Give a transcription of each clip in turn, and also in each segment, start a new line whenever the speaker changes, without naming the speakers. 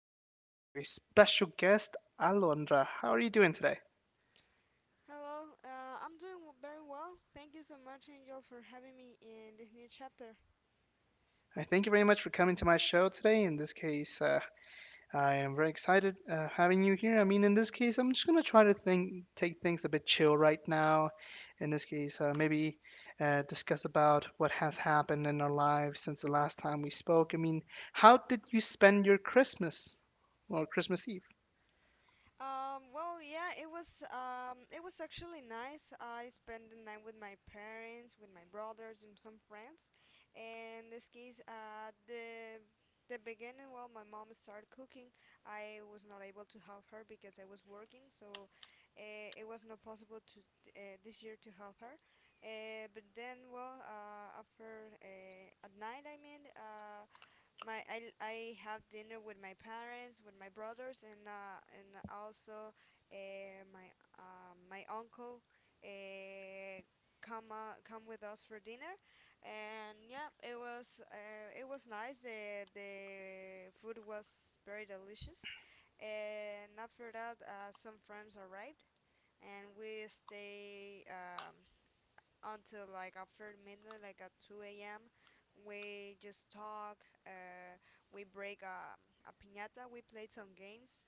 I'm joined by a very special guest, Alondra. How are you doing today?
Hello, I'm doing very well. Thank you so much, Angel, for having me in this new chapter.
I thank you very much for coming to my show today. In this case, I am very excited having you here. I mean, in this case, I'm just going to try to think, take things a bit chill right now. In this case, uh, maybe discuss about what has happened in our lives since the last time we spoke. I mean, how did you spend your Christmas or Christmas Eve?
Yeah, it was actually nice. I spent the night with my parents, with my brothers, and some friends. And this case, the beginning, well, my mom started cooking. I was not able to help her because I was working, so it was not possible to this year to help her. But then, after at night, I have dinner with my parents, with my brothers, and also my my uncle uh, come with us for dinner, and yeah, it was nice. The food was very delicious, and after that, some friends arrived, and we stay until like after midnight, like at 2 a.m. We just talk. Uh, we break a piñata. We played some games,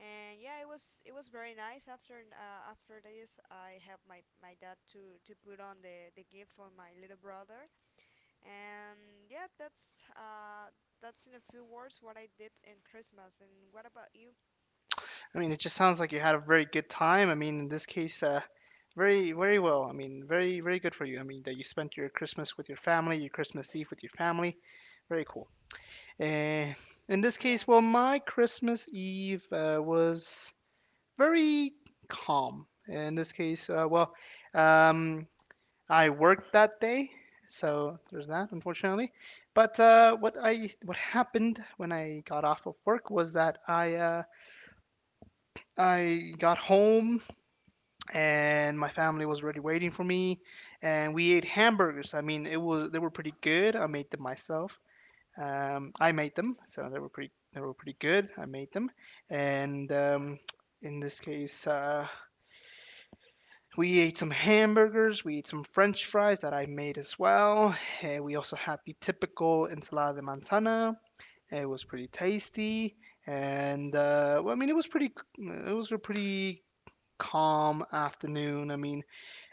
and yeah, it was very nice. After this, I helped my dad to put on the gift for my little brother, and yeah, that's in a few words what I did in Christmas. And what about you?
I mean, it just sounds like you had a very good time. I mean, in this case, very, very well. I mean, very, very good for you. I mean, that you spent your Christmas with your family, your Christmas Eve with your family. Very cool. And in this
Yeah,
case, well, my Christmas Eve was very calm. In this case, well, um, I worked that day, so there's that, unfortunately. But what happened when I got off of work was that I got home and my family was already waiting for me, and we ate hamburgers. I mean, it was they were pretty good. I made them myself. I made them, so they were pretty good. I made them. And um, in this case uh, we ate some hamburgers, we ate some french fries that I made as well, and we also had the typical ensalada de manzana. It was pretty tasty. And well, I mean, it was pretty it was a pretty calm afternoon. I mean,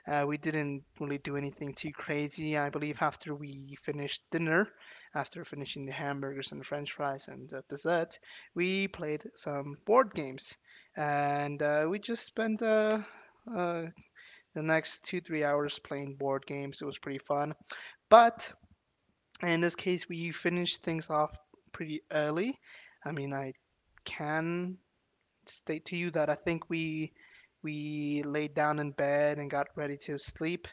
we didn't really do anything too crazy. I believe after we finished dinner, after finishing the hamburgers and french fries and the dessert, we played some board games. And uh, we just spent uh, the next 2, 3 hours playing board games. It was pretty fun. But in this case, we finished things off pretty early. I mean, I can state to you that I think we laid down in bed and got ready to sleep,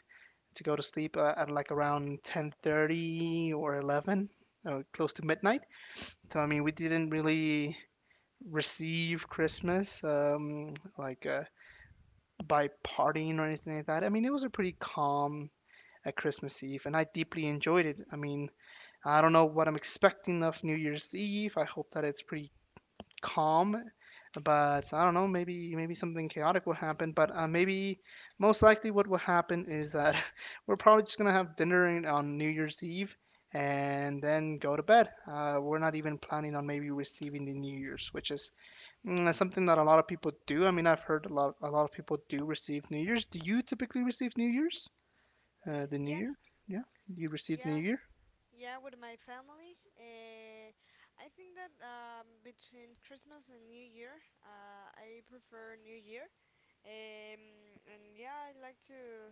to go to sleep at like around 10:30 or 11, or close to midnight. So I mean, we didn't really receive Christmas by partying or anything like that. I mean, it was a pretty calm at Christmas Eve, and I deeply enjoyed it. I mean, I don't know what I'm expecting of New Year's Eve. I hope that it's pretty calm. But I don't know. Maybe something chaotic will happen. But maybe most likely what will happen is that we're probably just gonna have dinner on New Year's Eve and then go to bed. We're not even planning on maybe receiving the New Year's, which is mm, something that a lot of people do. I mean, I've heard a lot of people do receive New Year's. Do you typically receive New Year's? The New
yeah,
Year? Yeah, you receive the New
yeah.
Year.
Yeah, with my family. I think that between Christmas and New Year, I prefer New Year. Um, and yeah,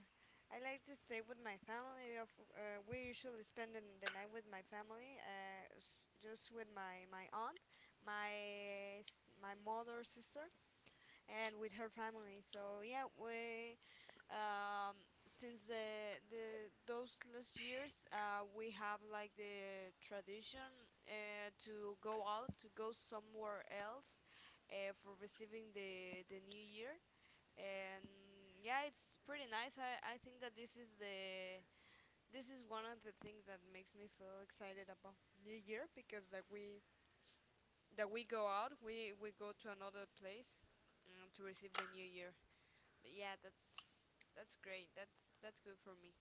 I like to stay with my family. Of We usually spend the night with my family, just with my aunt, my mother, sister, and with her family. So yeah, we um, since the those last years we have like the tradition to go out to go somewhere else for receiving the new year, and yeah, it's pretty nice. I think that this is the this is one of the things that makes me feel excited about new year, because like we that we go out, we go to another place to receive the new year. But yeah, that's great. That's good for me.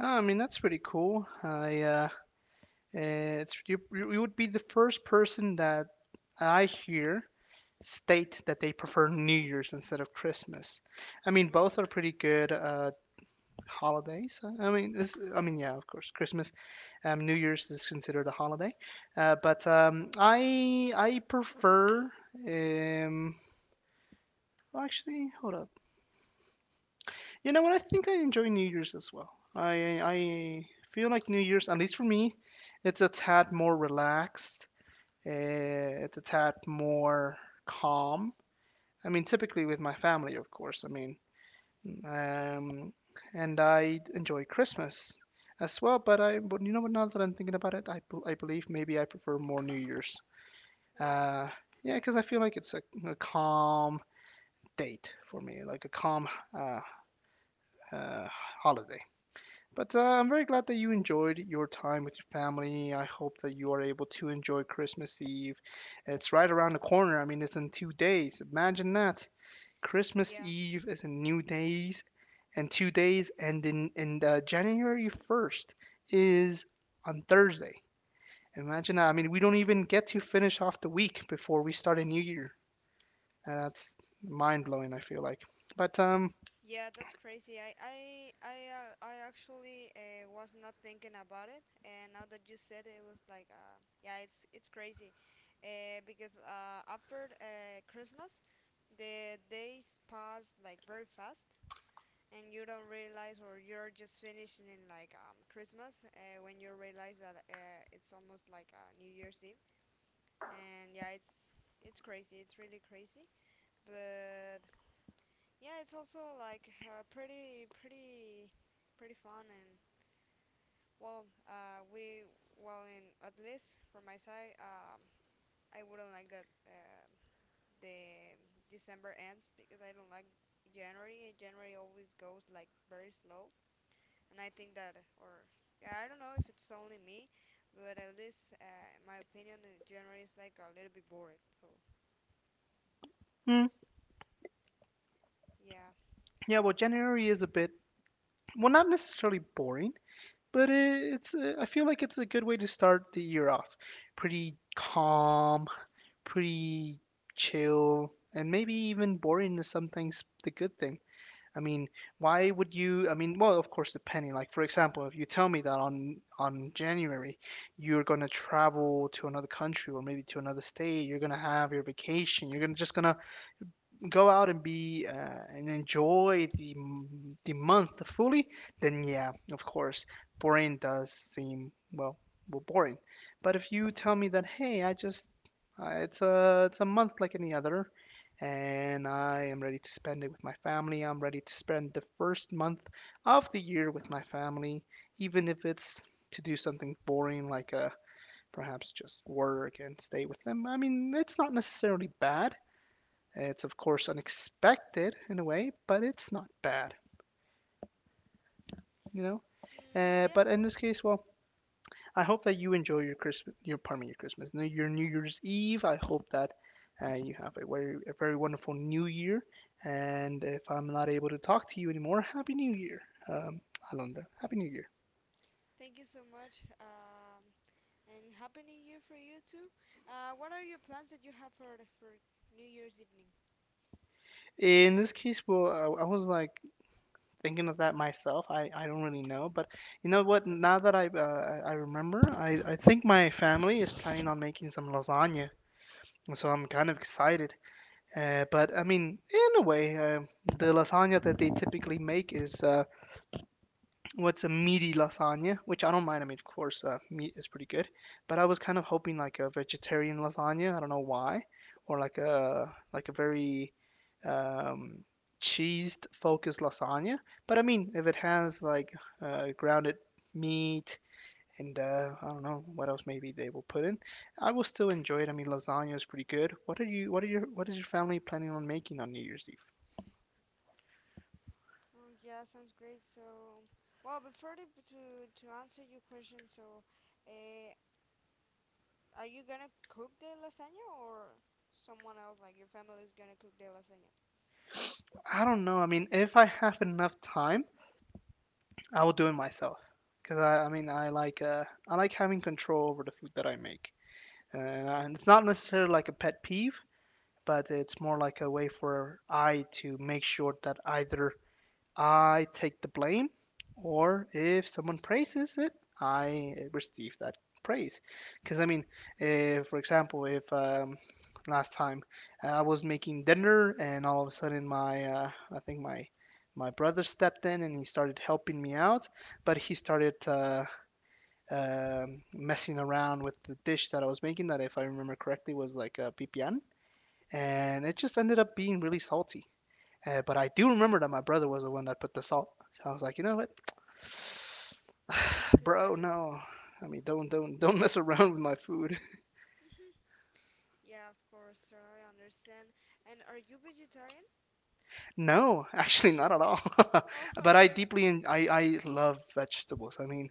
Ah, I mean, that's pretty cool. I it's you would be the first person that I hear state that they prefer New Year's instead of Christmas. I mean, both
Really?
are pretty good holidays. I mean, I mean, yeah, of course, Christmas, New Year's is considered a holiday, uh, but um, I prefer. Um, well, actually, hold up. You know what? I think I enjoy New Year's as well. I feel like New Year's, at least for me, it's a tad more relaxed. It's a tad more calm. I mean, typically with my family, of course. I mean, um, and I enjoy Christmas as well. But you know what? Now that I'm thinking about it, I believe maybe I prefer more New Year's.
Why?
Uh, yeah, because I feel like it's a calm date for me, like a calm uh, uh, holiday. But I'm very glad that you enjoyed your time with your family. I hope that you are able to enjoy Christmas Eve. It's right around the corner. I mean, it's in 2 days. Imagine that. Christmas
Yeah,
Eve is in new days, and 2 days, and January 1st is on Thursday. Imagine that. I mean, we don't even get to finish off the week before we start a new year. And that's mind blowing. I feel like, but
yeah, that's crazy. I actually was not thinking about it, and now that you said it, it was like, yeah, it's crazy, because after Christmas, the days pass like very fast, and you don't realize, or you're just finishing in like Christmas when you realize that it's almost like New Year's Eve, and yeah, it's crazy. It's really crazy, but yeah, it's also like pretty fun. And well, uh, we well, in at least from my side, I wouldn't like that the December ends because I don't like January. January always goes like very slow, and I think that or yeah, I don't know if it's only me, but at least in my opinion, January is like a little bit boring. So
hmm,
yeah,
yeah. Well, January is a bit, well, not necessarily boring, but it's I feel like it's a good way to start the year off. Pretty calm, pretty chill, and maybe even boring is sometimes the good thing. I mean, why would you? I mean, well, of course, depending. Like, for example, if you tell me that on January you're gonna travel to another country or maybe to another state, you're gonna have your vacation, you're gonna just gonna go out and be and enjoy the month fully, then yeah, of course, boring does seem well, well boring. But if you tell me that hey, I just it's a month like any other, and I am ready to spend it with my family. I'm ready to spend the first month of the year with my family, even if it's to do something boring like a perhaps just work and stay with them. I mean, it's not necessarily bad, it's of course unexpected in a way, but it's not bad, you know.
mm, yeah.
But in this case, well, I hope that you enjoy your Christmas, your, pardon me, your Christmas, no, your New Year's Eve. I hope that you have a very wonderful New Year. And if I'm not able to talk to you anymore, Happy New Year, um, Alondra. Happy New Year.
Thank you so much. And happy New Year for you too. What are your plans that you have for New Year's evening?
In this case, well, I was like thinking of that myself. I don't really know, but you know what? Now that I remember, I think my family is planning on making some lasagna, so I'm kind of excited. But I mean, in a way, the lasagna that they typically make is what's a meaty lasagna, which I don't mind. I mean, of course, meat is pretty good, but I was kind of hoping like a vegetarian lasagna. I don't know why, or like a very um, cheese focused lasagna. But I mean, if it has like grounded meat and I don't know what else maybe they will put in, I will still enjoy it. I mean, lasagna is pretty good. What are you? What are your? What is your family planning on making on New Year's Eve?
Oh yeah, sounds great. So, well, to answer your question, so, uh, are you gonna cook the lasagna, or someone else, like your family, is gonna cook the lasagna?
I don't know. I mean, if I have enough time, I will do it myself. Cause I mean, I like having control over the food that I make, and and it's not necessarily like a pet peeve, but it's more like a way for I to make sure that either I take the blame, or if someone praises it, I receive that praise. Because, I mean, if, for example, if last time I was making dinner and all of a sudden my, I think my, my brother stepped in and he started helping me out, but he started messing around with the dish that I was making, that if I remember correctly was like a pipián,
Yeah.
and it just ended up being really salty. But I do remember that my brother was the one that put the salt. So I was like, you know what,
Mm, okay, got
bro,
it.
no. I mean, don't mess around with my food.
Hmm. Yeah, of course. Totally understand. And are you vegetarian?
No, actually, not at all.
Oh, oh,
But I
okay.
deeply I love vegetables.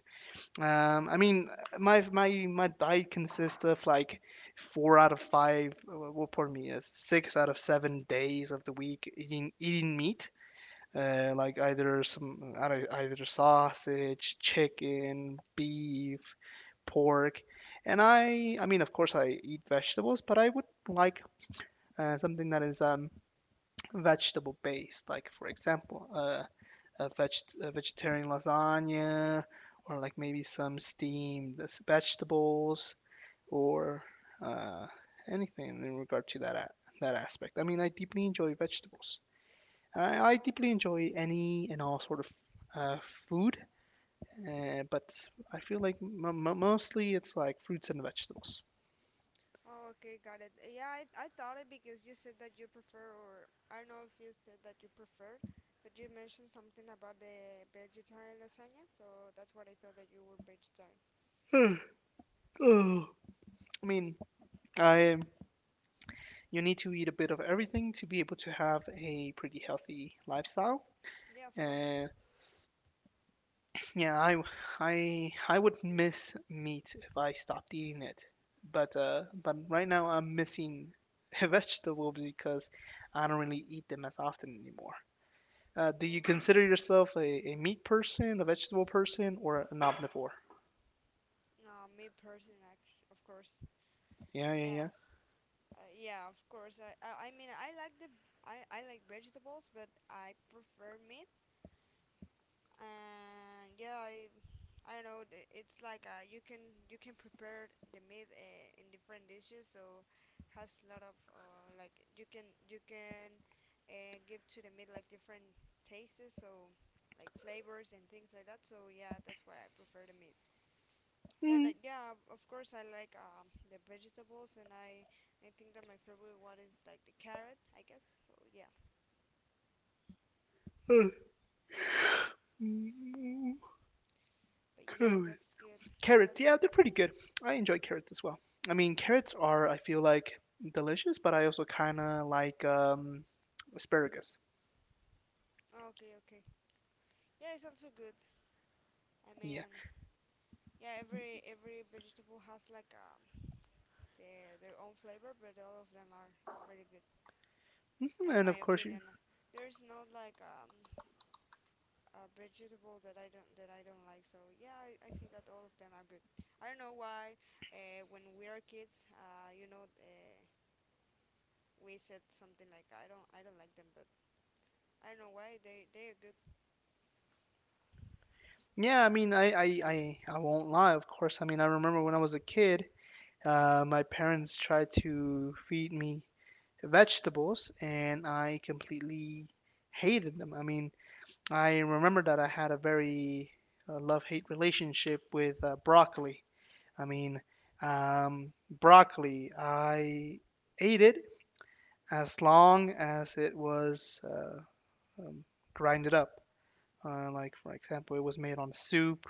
I mean, my diet consists of like 4 out of 5, well, pardon me, 6 out of 7 days of the week eating meat, like either some, either sausage, chicken, beef, pork. And I mean, of course, I eat vegetables, but I would like something that is vegetable based, like for example a, veg- a vegetarian lasagna, or like maybe some steamed vegetables, or uh, anything in regard to that aspect. I mean, I deeply enjoy vegetables. I
Oh,
deeply
okay.
enjoy any and all sort of uh, food, but I feel like mostly it's like fruits and vegetables.
Oh, okay, got it. Yeah, I thought it because you said that you prefer, or I don't know if you said that you preferred, but you mentioned something about the vegetarian lasagna, so that's what I thought, that you were vegetarian.
Oh. I mean, I you need to eat a bit of everything to be able to have a pretty healthy lifestyle.
Yeah, of course.
Uh, yeah, I would miss meat if I stopped eating it, but right now I'm missing vegetables because I don't really eat them as often anymore. Do
Oh,
you
okay.
consider yourself a meat person, a vegetable person, or an omnivore?
No, me person, actually, of course.
Yeah, yeah,
Yeah, yeah, of course. I mean, I like vegetables, but I prefer meat. And yeah, I don't know it's like you can prepare the meat in different dishes, so has a lot of like you can give to the meat like different tastes, so like flavors and things like that. So yeah, that's why I prefer the meat. But
yeah.
like yeah, of course I like the vegetables. And I think that my favorite one is like the carrot, I guess. So yeah,
Mm, uh, mm,
but yeah, that's
Carrots, yeah,
good.
they're pretty good. I enjoy carrots as well. I mean, carrots are, I feel like, delicious, but I also kind of like asparagus.
Okay, okay, yeah, it's also good. I
Yeah.
mean, yeah, every vegetable has like their own flavor, but all of them are really good
Mhm,
in
and
my
of course,
opinion.
you.
There's not like a vegetable that I don't like. So yeah, I think that all of them are good. I don't know why when we are kids, you know, we said something like I don't like them, but I don't know why they are good.
Yeah, I mean, I won't lie, of course. I mean, I remember when I was a kid, my parents tried to feed me vegetables, and I completely hated them. I mean, I remember that I had a very love-hate relationship with broccoli. I mean, broccoli, I ate it as long as it was um, grinded up. Like, for example, it was made on soup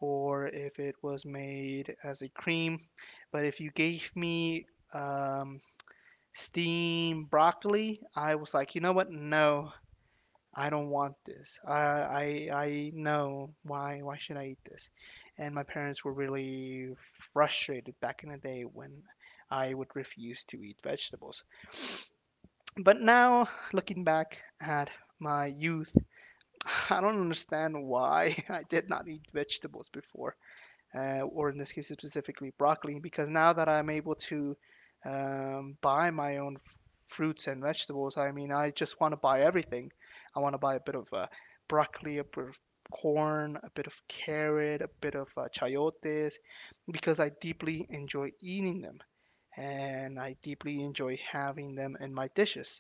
or if it was made as a cream. But if you gave me um, steamed broccoli, I was like, you know what? No, I don't want this. I know why should I eat this? And my parents were really frustrated back in the day when I would refuse to eat vegetables. But now, looking back at my youth, I don't understand why I did not eat vegetables before or in this case specifically broccoli, because now that I'm able to buy my own fruits and vegetables, I mean, I just want to buy everything. I want to buy a bit of broccoli, a bit of corn, a bit of carrot, a bit of chayotes, because I deeply enjoy eating them and I deeply enjoy having them in my dishes.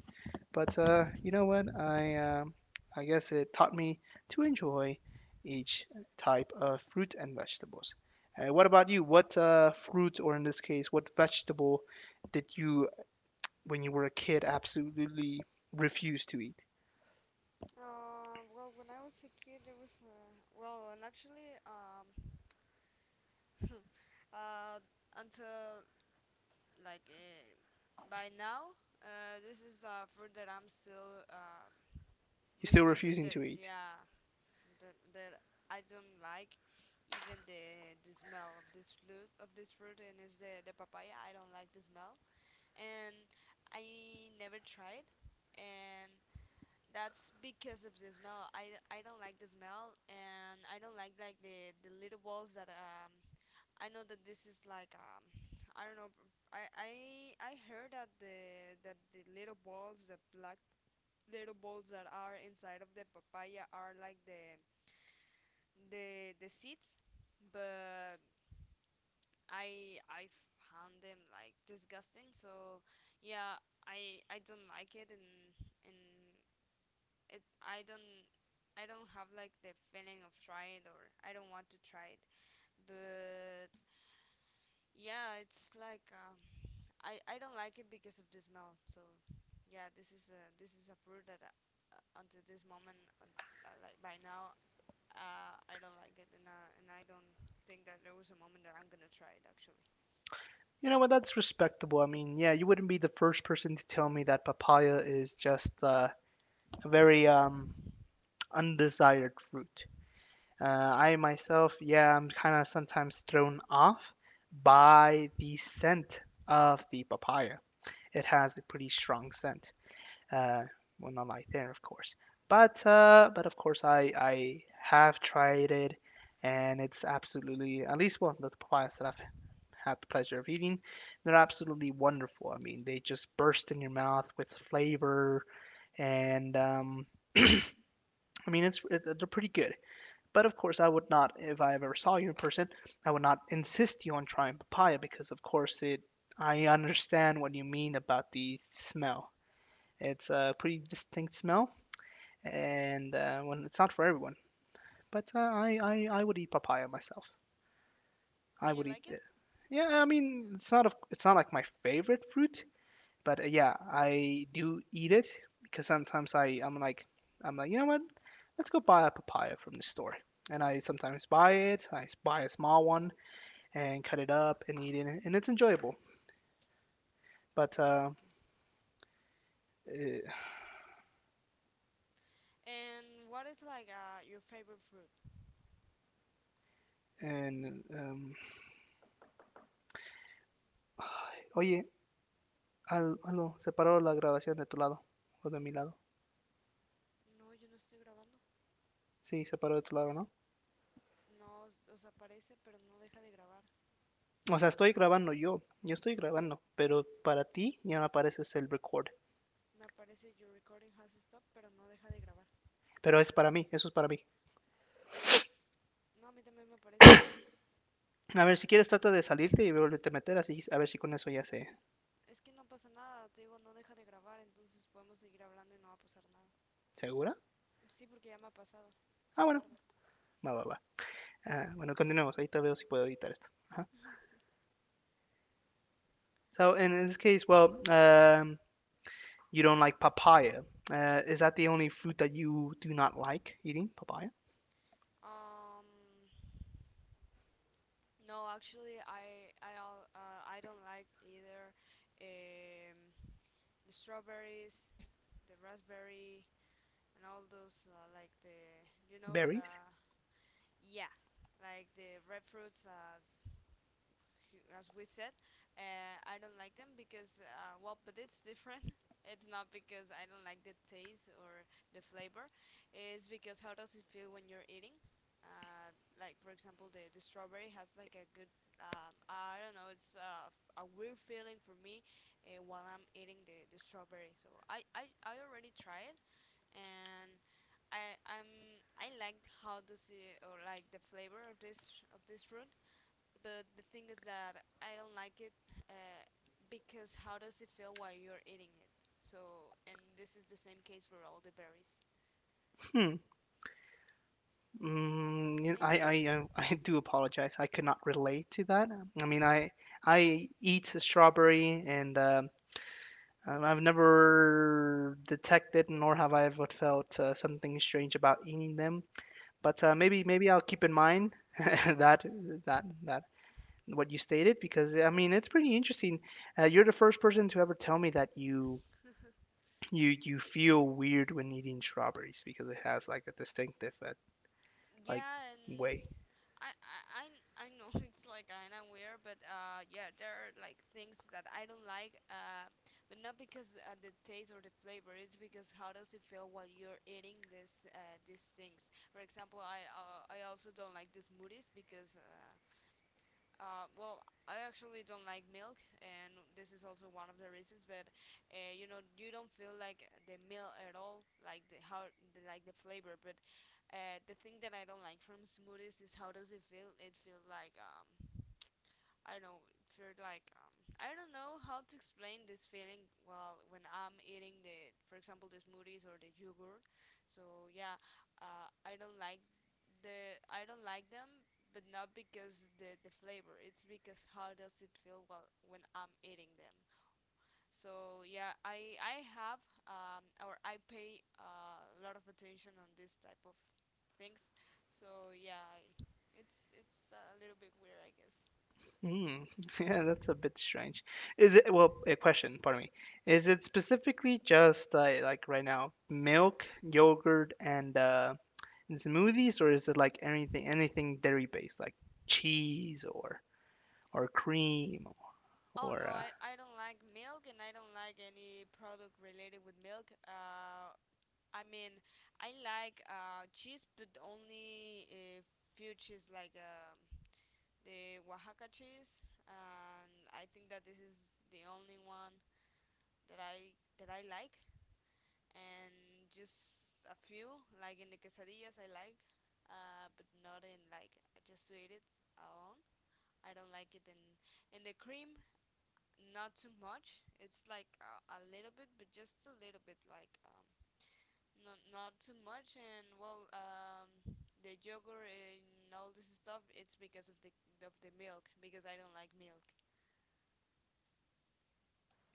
But you know what? I I guess it taught me to enjoy each type of fruit and vegetables. What about you? What fruit, or in this case, what vegetable did you, when you were a kid, absolutely refuse to eat?
Well, when I was a kid, there was well, and actually uh, until like by now this is the fruit that I'm still
You're still
refusing.
refusing
That
to eat.
Yeah, that, that I don't like even the smell of this fruit, of this fruit. And is the papaya. I don't like the smell, and I never tried. And that's because of the smell. I don't like the smell, and I don't like the little balls that I know that this is like I don't know. I, I I heard that the little balls, the black little balls that are inside of the papaya, are like the seeds, but I found them like disgusting. So yeah, I don't like it. And it I don't, I don't have like the feeling of try it, or I don't want to try it. But yeah, it's like. I I don't like it because of the smell. So yeah, this is a fruit that until this moment, like by now, I don't like it. And and I don't think that there was a moment that I'm gonna try it, actually.
You know what? That's respectable. I mean, yeah, you wouldn't be the first person to tell me that papaya is just a very undesired fruit. I myself, yeah, I'm kind of sometimes thrown off by the scent of the papaya. It has a pretty strong scent. Uh, well, not like there, of course, but of course, I have tried it, and it's absolutely at least well the papayas that I've had the pleasure of eating, they're absolutely wonderful. I mean, they just burst in your mouth with flavor, and I mean, they're pretty good. But of course, I would not, if I ever saw you in person, I would not insist you on trying papaya because, of course, it. I understand what you mean about the smell. It's a pretty distinct smell, and when it's not for everyone. But I would eat papaya myself.
Do
I
you
would eat
like it?
it. Yeah, I mean, it's not a, it's not like my favorite fruit, but yeah, I do eat it because sometimes I'm like, you know what? Let's go buy a papaya from the store. And I sometimes buy it. I buy a small one and cut it up and eat it, and it's enjoyable. But eh, and oye, al- aló, se paró la grabación de tu lado o de mi lado. Sí, se paró de tu lado, ¿no? O sea, estoy grabando yo, yo estoy grabando, pero para ti ya no aparece el record. Pero es para mí, eso es para mí. A ver, si quieres trata de salirte y volverte a meter, así a ver si con eso ya se, se Ah, bueno, va, va, va. Ah, bueno, continuemos. Ahorita veo si puedo editar esto. Ajá. So, in this case, well, you don't like papaya. Is that the only fruit that you do not like eating? Papaya? Berries? Hmm. Mm, I do apologize. I could not relate to that. I mean, I eat strawberry and I've never detected, nor have I ever felt something strange about eating them. But maybe maybe I'll keep in mind that that that what you stated because I mean it's pretty interesting. You're the first person to ever tell me that you feel weird when eating strawberries because it has like a distinctive like way. Hmm. Yeah, that's a bit strange. Is it, well, a question, pardon me. Is it specifically just like right now, milk, yogurt, and smoothies, or is it like anything dairy based, like cheese or cream or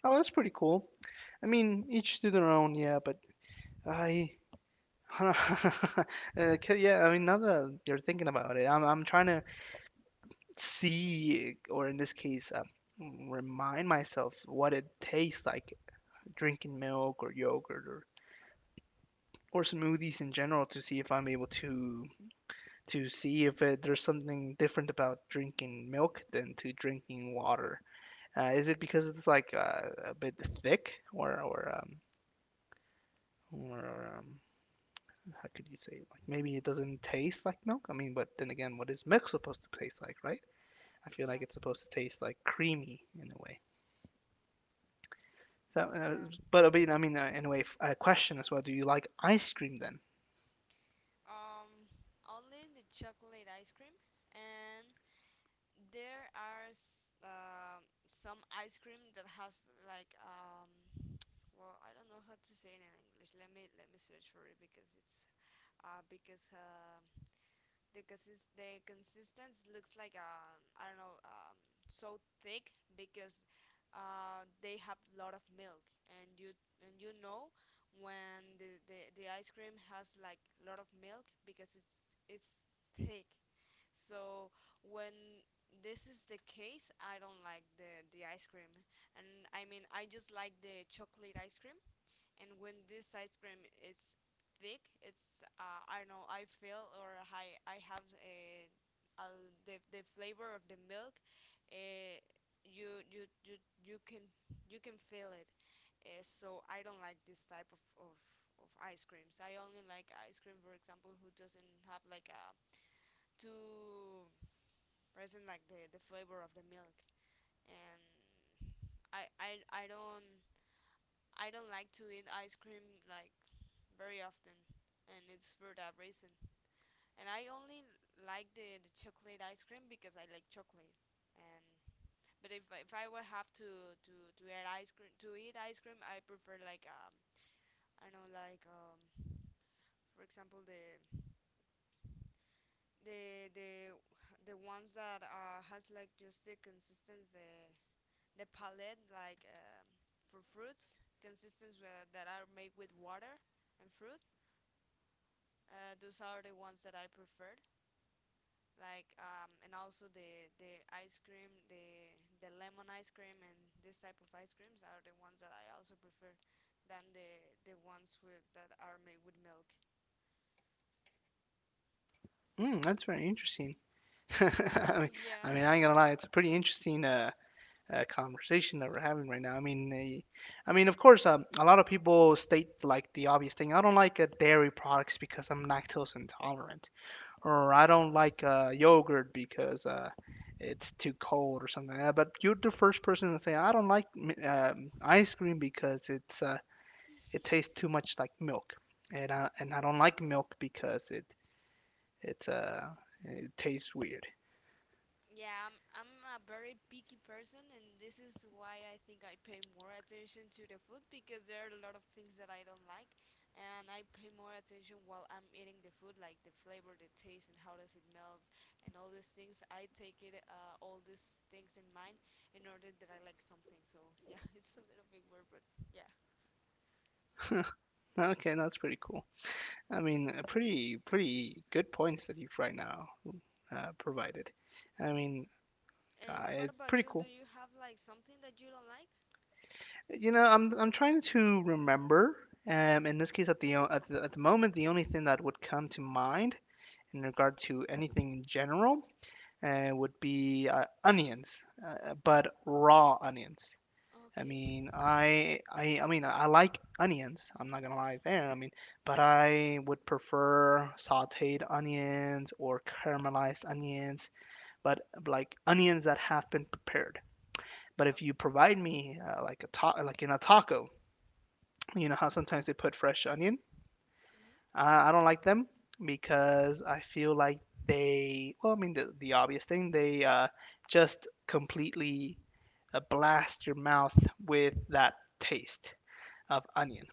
Oh, that's pretty cool. I mean, each to their own, yeah, but I uh, 'cause- yeah, I mean, now that you're thinking about it, I'm trying to see, or in this case, remind myself what it tastes like drinking milk or yogurt or smoothies in general to see if I'm able to see if it, there's something different about drinking milk than to drinking water. Is it because it's like a bit thick or or um, how could you say it? Like maybe it doesn't taste like milk? I mean, but then again, what is milk supposed to taste like, right? I feel like it's supposed to taste like creamy in a way. So, I mean, anyway, a question as well. Do you like ice cream then? Mm, that's very interesting. I mean, I mean, I ain't gonna lie, it's a pretty interesting conversation that we're having right now. I mean, of course, a lot of people state like the obvious thing. I don't like dairy products because I'm lactose intolerant, or I don't like yogurt because it's too cold or something like that. But you're the first person to say I don't like ice cream because it's it tastes too much like milk, and I don't like milk because it uh it tastes weird. Okay, that's pretty cool. I mean, pretty pretty good points that you've right now provided. I mean, it's pretty cool. You know, I'm trying to remember. In this case, at the at the moment, the only thing that would come to mind in regard to anything in general would be onions, but raw onions. I mean, I mean, I like onions. I'm not gonna lie there. I mean, but I would prefer sautéed onions or caramelized onions, but like onions that have been prepared. But if you provide me like a ta like in a taco, you know how sometimes they put fresh onion? I don't like them because I feel like they, well, I mean, the obvious thing, they just completely blast your mouth with that taste of onion.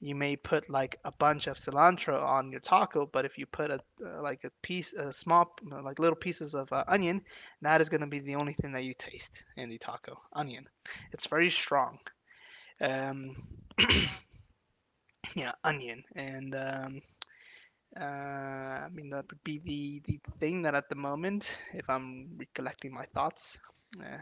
You may put like a bunch of cilantro on your taco, but if you put a like a piece, a small like little pieces of onion, that is going to be the only thing that you taste in the taco. Onion. It's very strong. Um, yeah, onion, and I mean that would be the thing that at the moment, if I'm recollecting my thoughts, uh,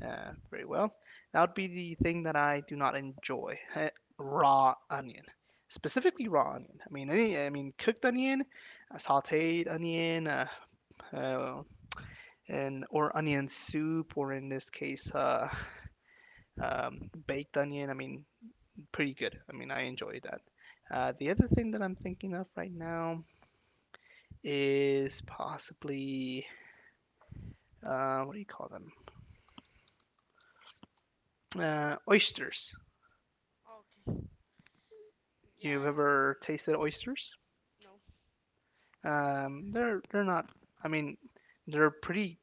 Very well. That would be the thing that I do not enjoy. Raw onion, specifically raw onion. I mean, any, I mean, cooked onion, sautéed onion, uh, and or onion soup, or in this case, baked onion. I mean, pretty good. I mean, I enjoy that. The other thing that I'm thinking of right now is possibly what do you call them? Oysters. You've ever tasted oysters? They're not. I mean, they're pretty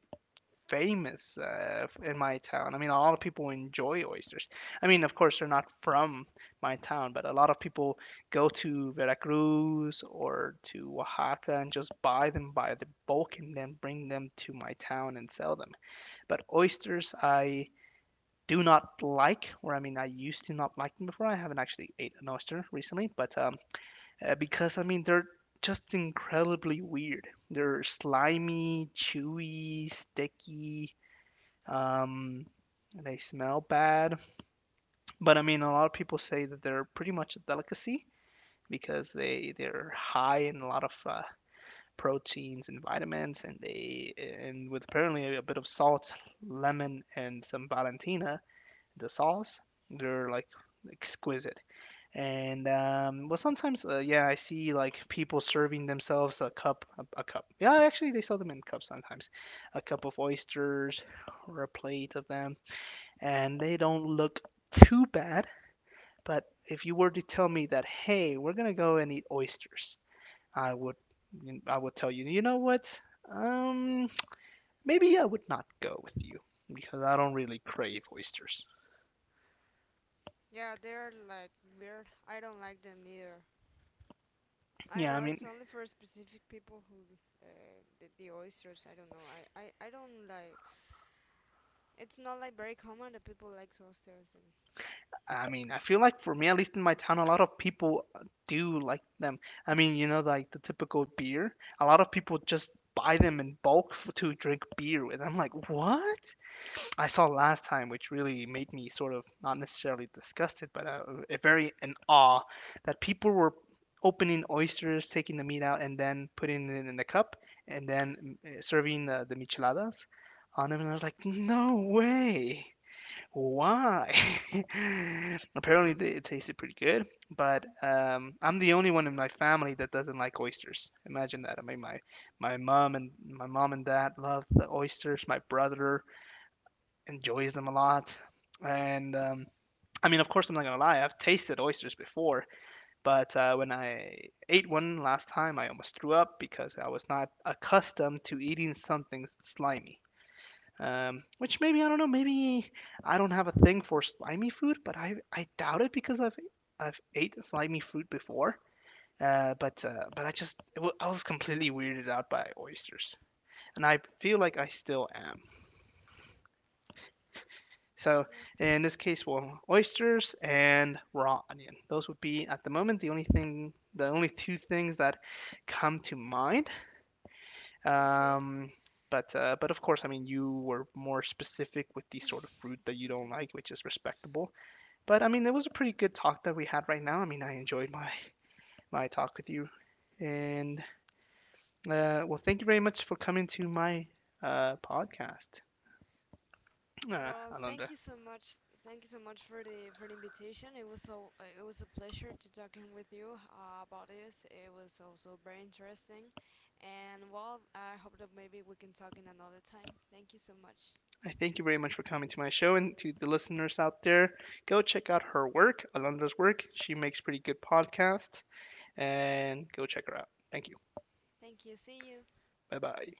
famous in my town. I mean, a lot of people enjoy oysters. I mean, of course, they're not from my town, but a lot of people go to Veracruz or to Oaxaca and just buy them by the bulk and then bring them to my town and sell them. But oysters, I do not like, or I mean, I used to not like them before. I haven't actually ate an oyster recently, but because I mean they're just incredibly weird. They're slimy, chewy, sticky, um, they smell bad. But I mean, a lot of people say that they're pretty much a delicacy because they're high in a lot of proteins and vitamins, and they and with apparently a bit of salt, lemon, and some Valentina, the sauce, they're like exquisite. And well, sometimes, yeah, I see like people serving themselves a cup, a cup. Yeah, actually, they sell them in cups sometimes, a cup of oysters or a plate of them, and they don't look too bad. But if you were to tell me that, hey, we're gonna go and eat oysters, I would, I would tell you, you know what? Um, Maybe I would not go with you because I don't really crave oysters. Yeah, I mean, I mean, I feel like for me, at least in my town, a lot of people do like them. I mean, you know, like the typical beer. A lot of people just buy them in bulk f to drink beer with. I'm like, what? I saw last time, which really made me sort of not necessarily disgusted, but a very in awe that people were opening oysters, taking the meat out, and then putting it in the cup, and then serving the micheladas on them. And I was like, no way. Why? Apparently, they, it tasted pretty good, but I'm the only one in my family that doesn't like oysters. Imagine that. I mean, my mom and dad love the oysters. My brother enjoys them a lot, and I mean, of course, I'm not gonna lie. I've tasted oysters before, but when I ate one last time, I almost threw up because I was not accustomed to eating something slimy. Which maybe I don't know. Maybe I don't have a thing for slimy food, but I doubt it because I've ate slimy food before. But I just I was completely weirded out by oysters, and I feel like I still am. So in this case, well, oysters and raw onion. Those would be at the moment the only thing, the only two things that come to mind. Um, but of course, I mean, you were more specific with the sort of fruit that you don't like, which is respectable. But I mean, it was a pretty good talk that we had right now. I mean, I enjoyed my talk with you, and well, thank you very much for coming to my podcast, Alondra. I thank you very much for coming to my show and to the listeners out there. Go check out her work, Alondra's work. She makes pretty good podcasts, and go check her out. Thank you. Bye bye.